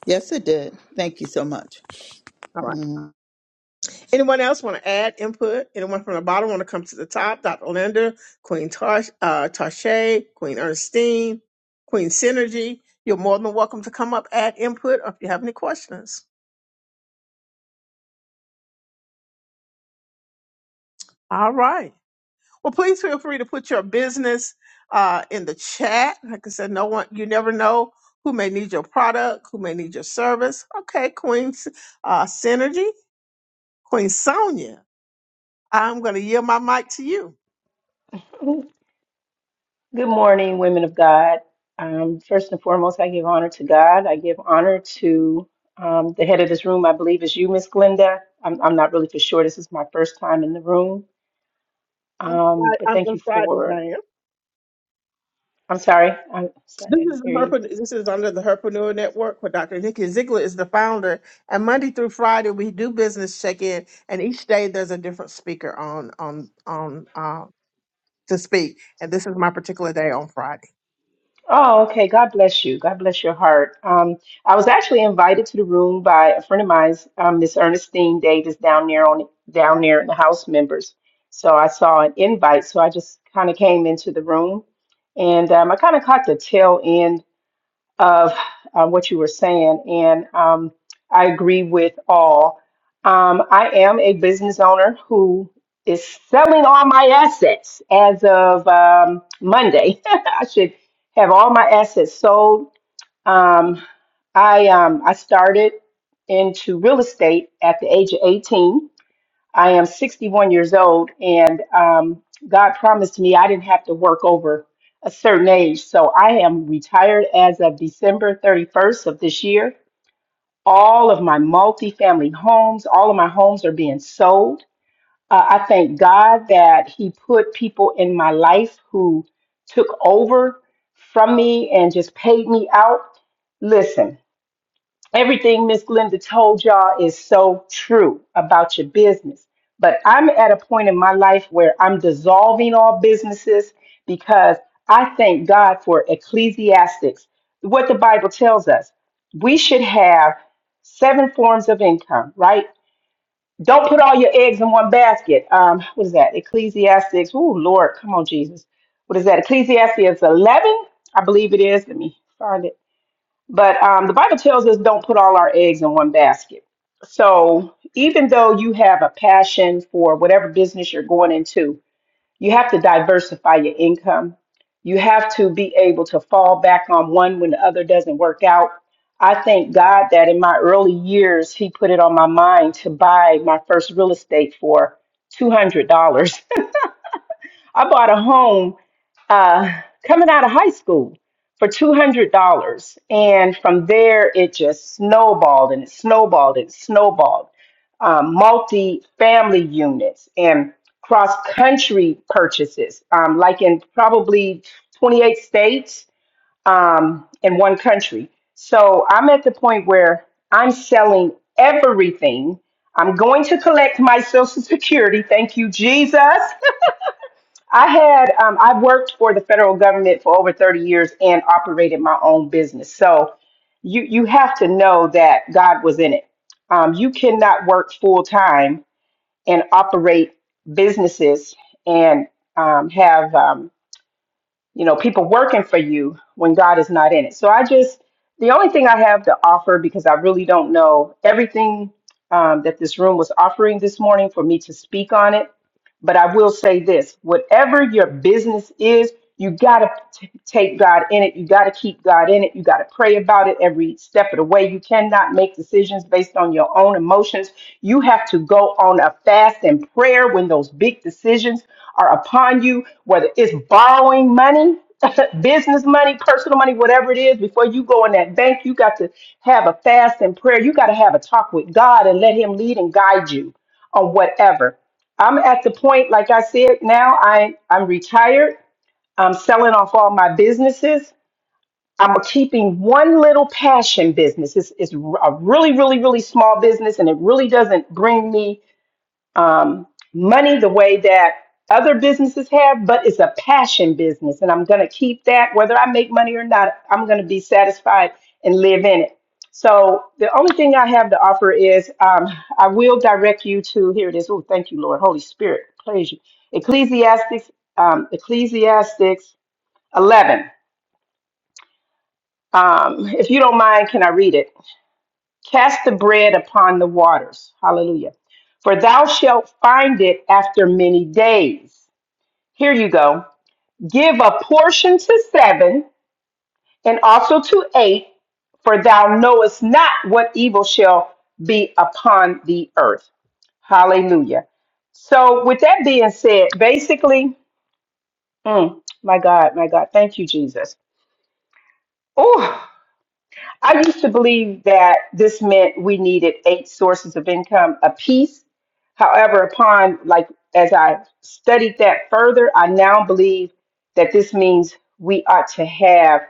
Yes, it did. Thank you so much. All right. Mm-hmm. Anyone else want to add input? Anyone from the bottom want to come to the top? Dr. Linda, Queen Tarsh, uh, Tarshay, Queen Ernestine, Queen Synergy. You're more than welcome to come up, add input, or if you have any questions. All right. Well, please feel free to put your business uh, in the chat. Like I said, no one, you never know who may need your product, who may need your service. Okay, Queen uh, Synergy. Queen Sonia, I'm going to yield my mic to you. Good morning, women of God. Um, first and foremost, I give honor to God. I give honor to um, the head of this room, I believe is you, Miss Glenda. I'm, I'm not really for sure. This is my first time in the room. I, Um, but I'm, thank I'm you Fridays, for, I am. I'm sorry, I'm sorry, This I didn't is the hear you. Herp- this is under the Herpreneur Network, where Dr. Nikki Ziegler is the founder. And Monday through Friday, we do business check-in, and each day there's a different speaker on on on uh, to speak. And this is my particular day on Friday. Oh, okay. God bless you. God bless your heart. Um, I was actually invited to the room by a friend of mine, um, Miss Ernestine Davis, down there on down there in the House members. So I saw an invite, so I just kind of came into the room, and um, I kind of caught the tail end of uh, what you were saying, and um, I agree with all. Um, I am a business owner who is selling all my assets as of um, Monday. I should have all my assets sold. Um, I um, I started into real estate at the age of 18. I am 61 years old, and um, God promised me I didn't have to work over a certain age. So I am retired as of December 31st of this year. All of my multifamily homes, all of my homes are being sold. Uh, I thank God that He put people in my life who took over from me and just paid me out. Listen, Everything Miss Linda told y'all is so true about your business. But I'm at a point in my life where I'm dissolving all businesses because I thank God for Ecclesiastics, what the Bible tells us. We should have seven forms of income, right? Don't put all your eggs in one basket. Um, what is that? Ecclesiastics. Oh, Lord, come on, Jesus. What is that? Ecclesiastes 11, I believe it is. Let me find it. But um, the Bible tells us don't put all our eggs in one basket. So even though you have a passion for whatever business you're going into, you have to diversify your income. You have to be able to fall back on one when the other doesn't work out. I thank God that in my early years, He put it on my mind to buy my first real estate for $200. I bought a home uh, coming out of high school for $200. And from there, it just snowballed and it snowballed and snowballed. Um, Multi family units and cross country purchases, um, like in probably 28 states um, in one country. So I'm at the point where I'm selling everything. I'm going to collect my Social Security. Thank you, Jesus. I had um, I've worked for the federal government for over 30 years and operated my own business. So you you have to know that God was in it. Um, you cannot work full time and operate businesses and um, have um, you know people working for you when God is not in it. So I just the only thing I have to offer because I really don't know everything um, that this room was offering this morning for me to speak on it. But I will say this whatever your business is, you got to t- take God in it. You got to keep God in it. You got to pray about it every step of the way. You cannot make decisions based on your own emotions. You have to go on a fast and prayer when those big decisions are upon you, whether it's borrowing money. business money, personal money, whatever it is, before you go in that bank, you got to have a fast and prayer. You got to have a talk with God and let Him lead and guide you on whatever. I'm at the point, like I said, now I, I'm retired. I'm selling off all my businesses. I'm keeping one little passion business. It's, it's a really, really, really small business and it really doesn't bring me um, money the way that other businesses have, but it's a passion business. And I'm going to keep that. Whether I make money or not, I'm going to be satisfied and live in it. So the only thing I have to offer is um, I will direct you to, here it is. Oh, thank you, Lord. Holy Spirit, praise you. Ecclesiastics, um, Ecclesiastics 11. Um, if you don't mind, can I read it? Cast the bread upon the waters. Hallelujah. For thou shalt find it after many days. Here you go. Give a portion to seven and also to eight, for thou knowest not what evil shall be upon the earth. Hallelujah. So, with that being said, basically, mm, my God, my God, thank you, Jesus. Oh, I used to believe that this meant we needed eight sources of income apiece. However, upon like as I studied that further, I now believe that this means we ought to have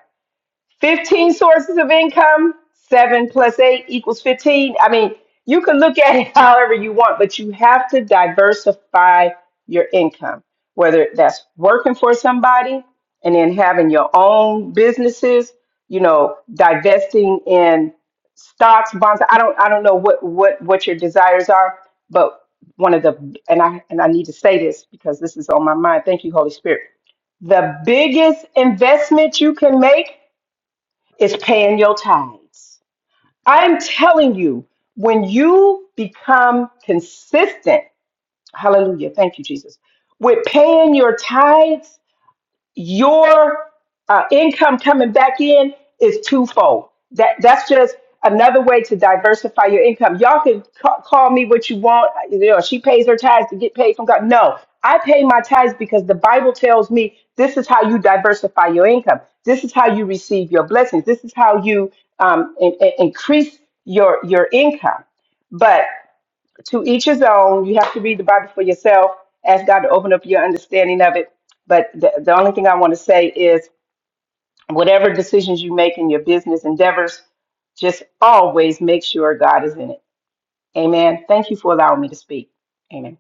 15 sources of income, seven plus eight equals 15. I mean, you can look at it however you want, but you have to diversify your income, whether that's working for somebody and then having your own businesses, you know, divesting in stocks, bonds. I don't I don't know what what what your desires are, but one of the and I and I need to say this because this is on my mind. Thank you, Holy Spirit. The biggest investment you can make is paying your tithes. I'm telling you, when you become consistent, hallelujah, thank you, Jesus, with paying your tithes, your uh, income coming back in is twofold. That that's just another way to diversify your income. Y'all can ca- call me what you want. You know, she pays her tithes to get paid from God. No, I pay my tithes because the Bible tells me this is how you diversify your income. This is how you receive your blessings. This is how you um, in- in- increase your your income. But to each his own. You have to read the Bible for yourself. Ask God to open up your understanding of it. But the, the only thing I want to say is whatever decisions you make in your business endeavors, just always make sure God is in it. Amen. Thank you for allowing me to speak. Amen.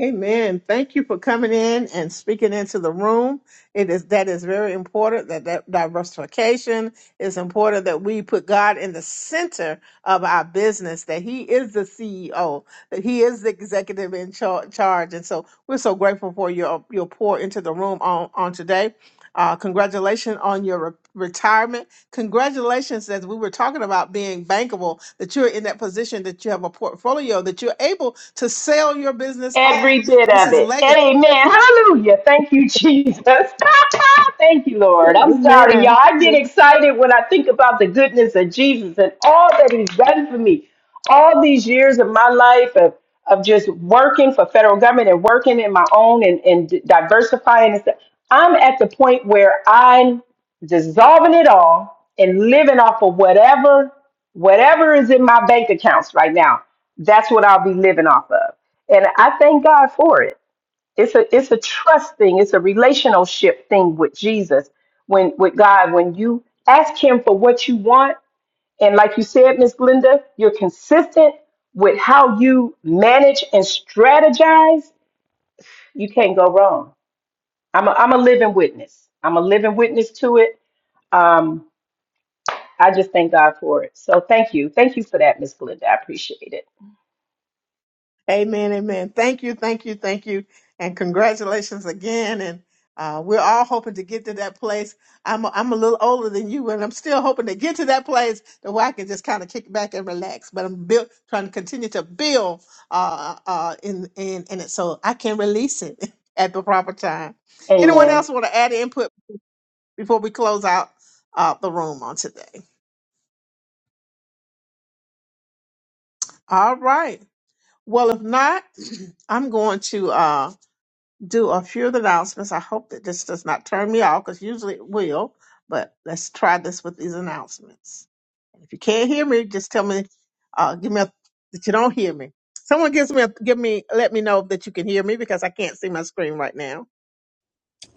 Amen. Thank you for coming in and speaking into the room. It is that is very important that, that diversification is important that we put God in the center of our business, that He is the CEO, that He is the executive in char- charge. And so we're so grateful for your your pour into the room on, on today. Uh, congratulations on your re- retirement congratulations as we were talking about being bankable that you're in that position that you have a portfolio that you're able to sell your business off Every bit this of is it. legacy Amen. Hallelujah. Thank you, Jesus. Thank you, Lord. I'm sorry, amen y'all. I get excited when I think about the goodness of Jesus and all that he's done for me. All these years of my life of, of just working for federal government and working in my own and, and diversifying and stuff. I'm at the point where I'm dissolving it all and living off of whatever whatever is in my bank accounts right now. That's what I'll be living off of. And I thank God for it. It's a it's a trust thing, it's a relationship thing with Jesus, when with God, when you ask him for what you want, and like you said, Miss Glenda, you're consistent with how you manage and strategize, you can't go wrong. I'm a, I'm a living witness. I'm a living witness to it. Um, I just thank God for it. So thank you. Thank you for that, Miss Glenda. I appreciate it. Amen, amen. Thank you, thank you, thank you, and congratulations again. And uh, we're all hoping to get to that place. I'm a, I'm a little older than you, and I'm still hoping to get to that place that where I can just kind of kick back and relax. But I'm built trying to continue to build uh, uh, uh, in in in it, so I can release it at the proper time. Anyone Amen. else want to add input before we close out uh, the room on today? All right. Well, if not, I'm going to. Uh, do a few of the announcements. I hope that this does not turn me off because usually it will, but let's try this with these announcements. If you can't hear me, just tell me, uh, give me a, that you don't hear me. Someone gives me a, give me, let me know that you can hear me because I can't see my screen right now.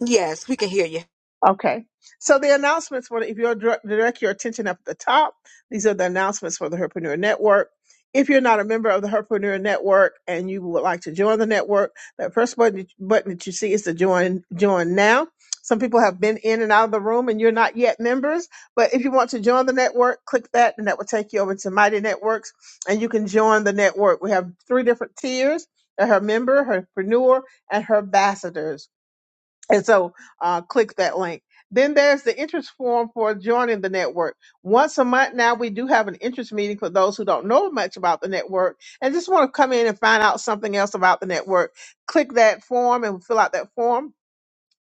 yes we can hear you Okay. So the announcements for if you dir- direct your attention up at the top, these are the announcements for the Herpreneur Network. If you're not a member of the Herpreneur Network and you would like to join the network, that first button that- button that you see is to join join now. Some people have been in and out of the room and you're not yet members, but if you want to join the network, click that and that will take you over to Mighty Networks and you can join the network. We have three different tiers, uh, her member, her herpreneur, and her ambassadors and so uh, click that link. Then there's the interest form for joining the network. Once a month now, we do have an interest meeting for those who don't know much about the network and just want to come in and find out something else about the network. Click that form and fill out that form,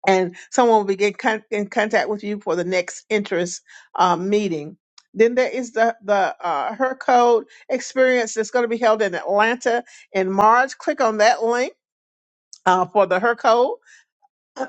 and someone will be get con- in contact with you for the next interest um, meeting. Then there is the the uh, her code experience that's going to be held in Atlanta in March. Click on that link uh, for the her code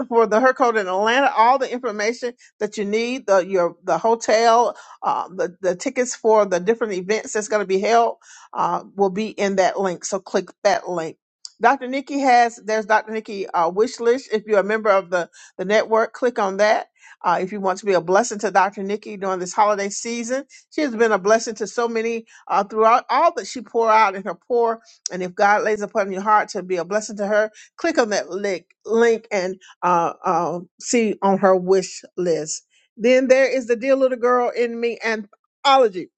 for the Hercode in Atlanta. All the information that you need, the your the hotel, uh, the the tickets for the different events that's going to be held, uh, will be in that link. So click that link. Dr. Nikki has there's Dr. Nikki uh, wish list. If you're a member of the the network, click on that. Uh, if you want to be a blessing to Dr. Nikki during this holiday season, she has been a blessing to so many uh, throughout all that she pour out in her pour. And if God lays upon your heart to be a blessing to her, click on that link, link and uh, uh, see on her wish list. Then there is the Dear Little Girl in Me anthology.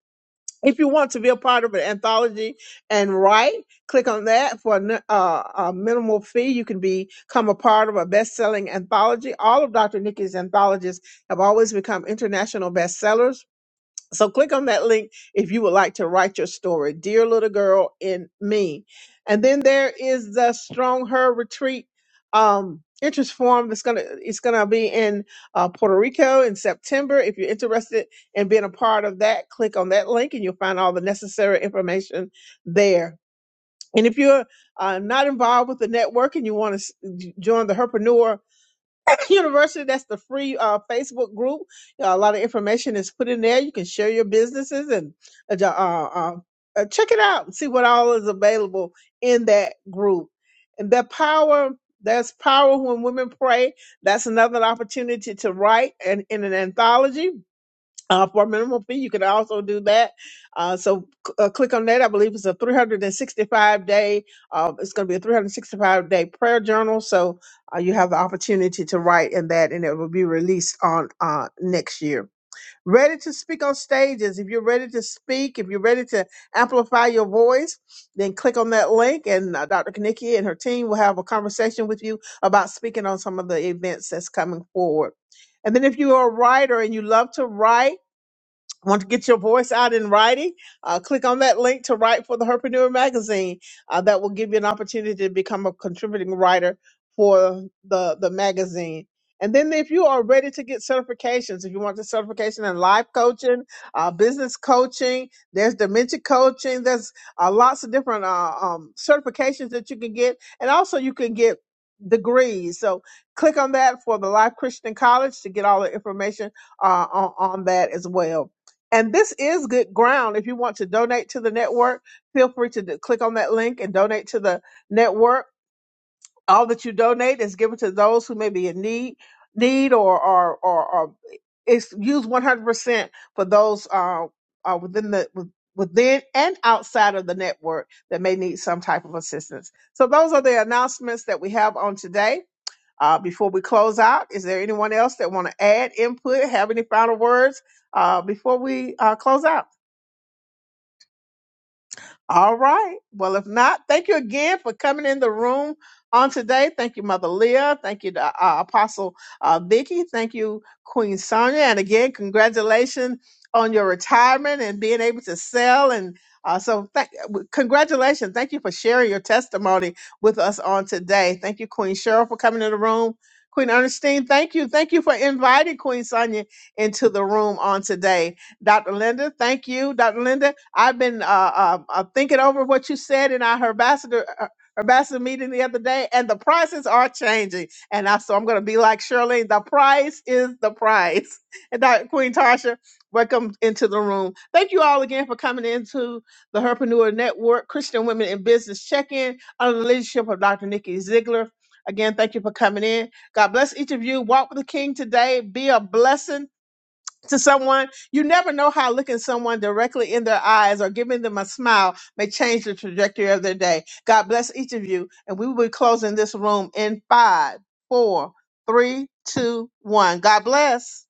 If you want to be a part of an anthology and write, click on that for a, n- uh, a minimal fee. You can be- become a part of a best-selling anthology. All of Dr. Nikki's anthologies have always become international bestsellers so click on that link if you would like to write your story, Dear Little Girl in Me. And then there is the Strong Her Retreat um interest form that's gonna it's gonna be in uh, Puerto Rico in September. If you're interested in being a part of that, click on that link and you'll find all the necessary information there. And if you're uh, not involved with the network and you want to s- join the Herpreneur University. That's the free uh, Facebook group. Uh, a lot of information is put in there. You can share your businesses and uh, uh, uh, uh, check it out and see what all is available in that group. And the power, there's power when women pray. That's another opportunity to write and in an anthology uh, for a minimum fee. You can also do that. Uh, so c- uh, click on that. I believe it's a 365 day. Uh, it's going to be a 365 day prayer journal. So uh, you have the opportunity to write in that, and it will be released on uh, next year. Ready to speak on stages. If you're ready to speak, if you're ready to amplify your voice, then click on that link, and uh, Dr. Kanicki and her team will have a conversation with you about speaking on some of the events that's coming forward. And then if you are a writer and you love to write want to get your voice out in writing, uh, click on that link to write for the Herpreneur magazine. Uh, that will give you an opportunity to become a contributing writer for the, the magazine. And then if you are ready to get certifications, if you want the certification in life coaching, uh, business coaching, there's dementia coaching, there's uh, lots of different uh, um, certifications that you can get. And also you can get degrees. So click on that for the Life Christian College to get all the information uh, on, on that as well. And this is good ground. If you want to donate to the network, feel free to d- click on that link and donate to the network. All that you donate is given to those who may be in need, need or or or, or it's used one hundred percent for those uh, uh within the within and outside of the network that may need some type of assistance. So those are the announcements that we have on today. Uh, before we close out, is there anyone else that want to add input, have any final words uh, before we uh, close out? All right. Well, if not, thank you again for coming in the room on today. Thank you, Mother Leah. Thank you, uh, uh, Apostle uh, Vicky. Thank you, Queen Sonia. And again, congratulations on your retirement and being able to sell. And uh, so, thank, congratulations. Thank you for sharing your testimony with us on today. Thank you, Queen Cheryl, for coming in the room. Queen Ernestine, thank you. Thank you for inviting Queen Sonia into the room on today. Dr. Linda, thank you, Dr. Linda. I've been uh, uh, uh, thinking over what you said in our ambassador uh, ambassador meeting the other day, and the prices are changing. And I, so I'm going to be like Shirley. The price is the price. And Dr. Queen Tasha, welcome into the room. Thank you all again for coming into the Herpreneur Network, Christian Women in Business Check-in under the leadership of Dr. Nikki Ziegler. Again, thank you for coming in. God bless each of you. Walk with the King today. Be a blessing to someone, you never know how looking someone directly in their eyes or giving them a smile may change the trajectory of their day. God bless each of you. And we will be closing this room in five, four, three, two, one. God bless.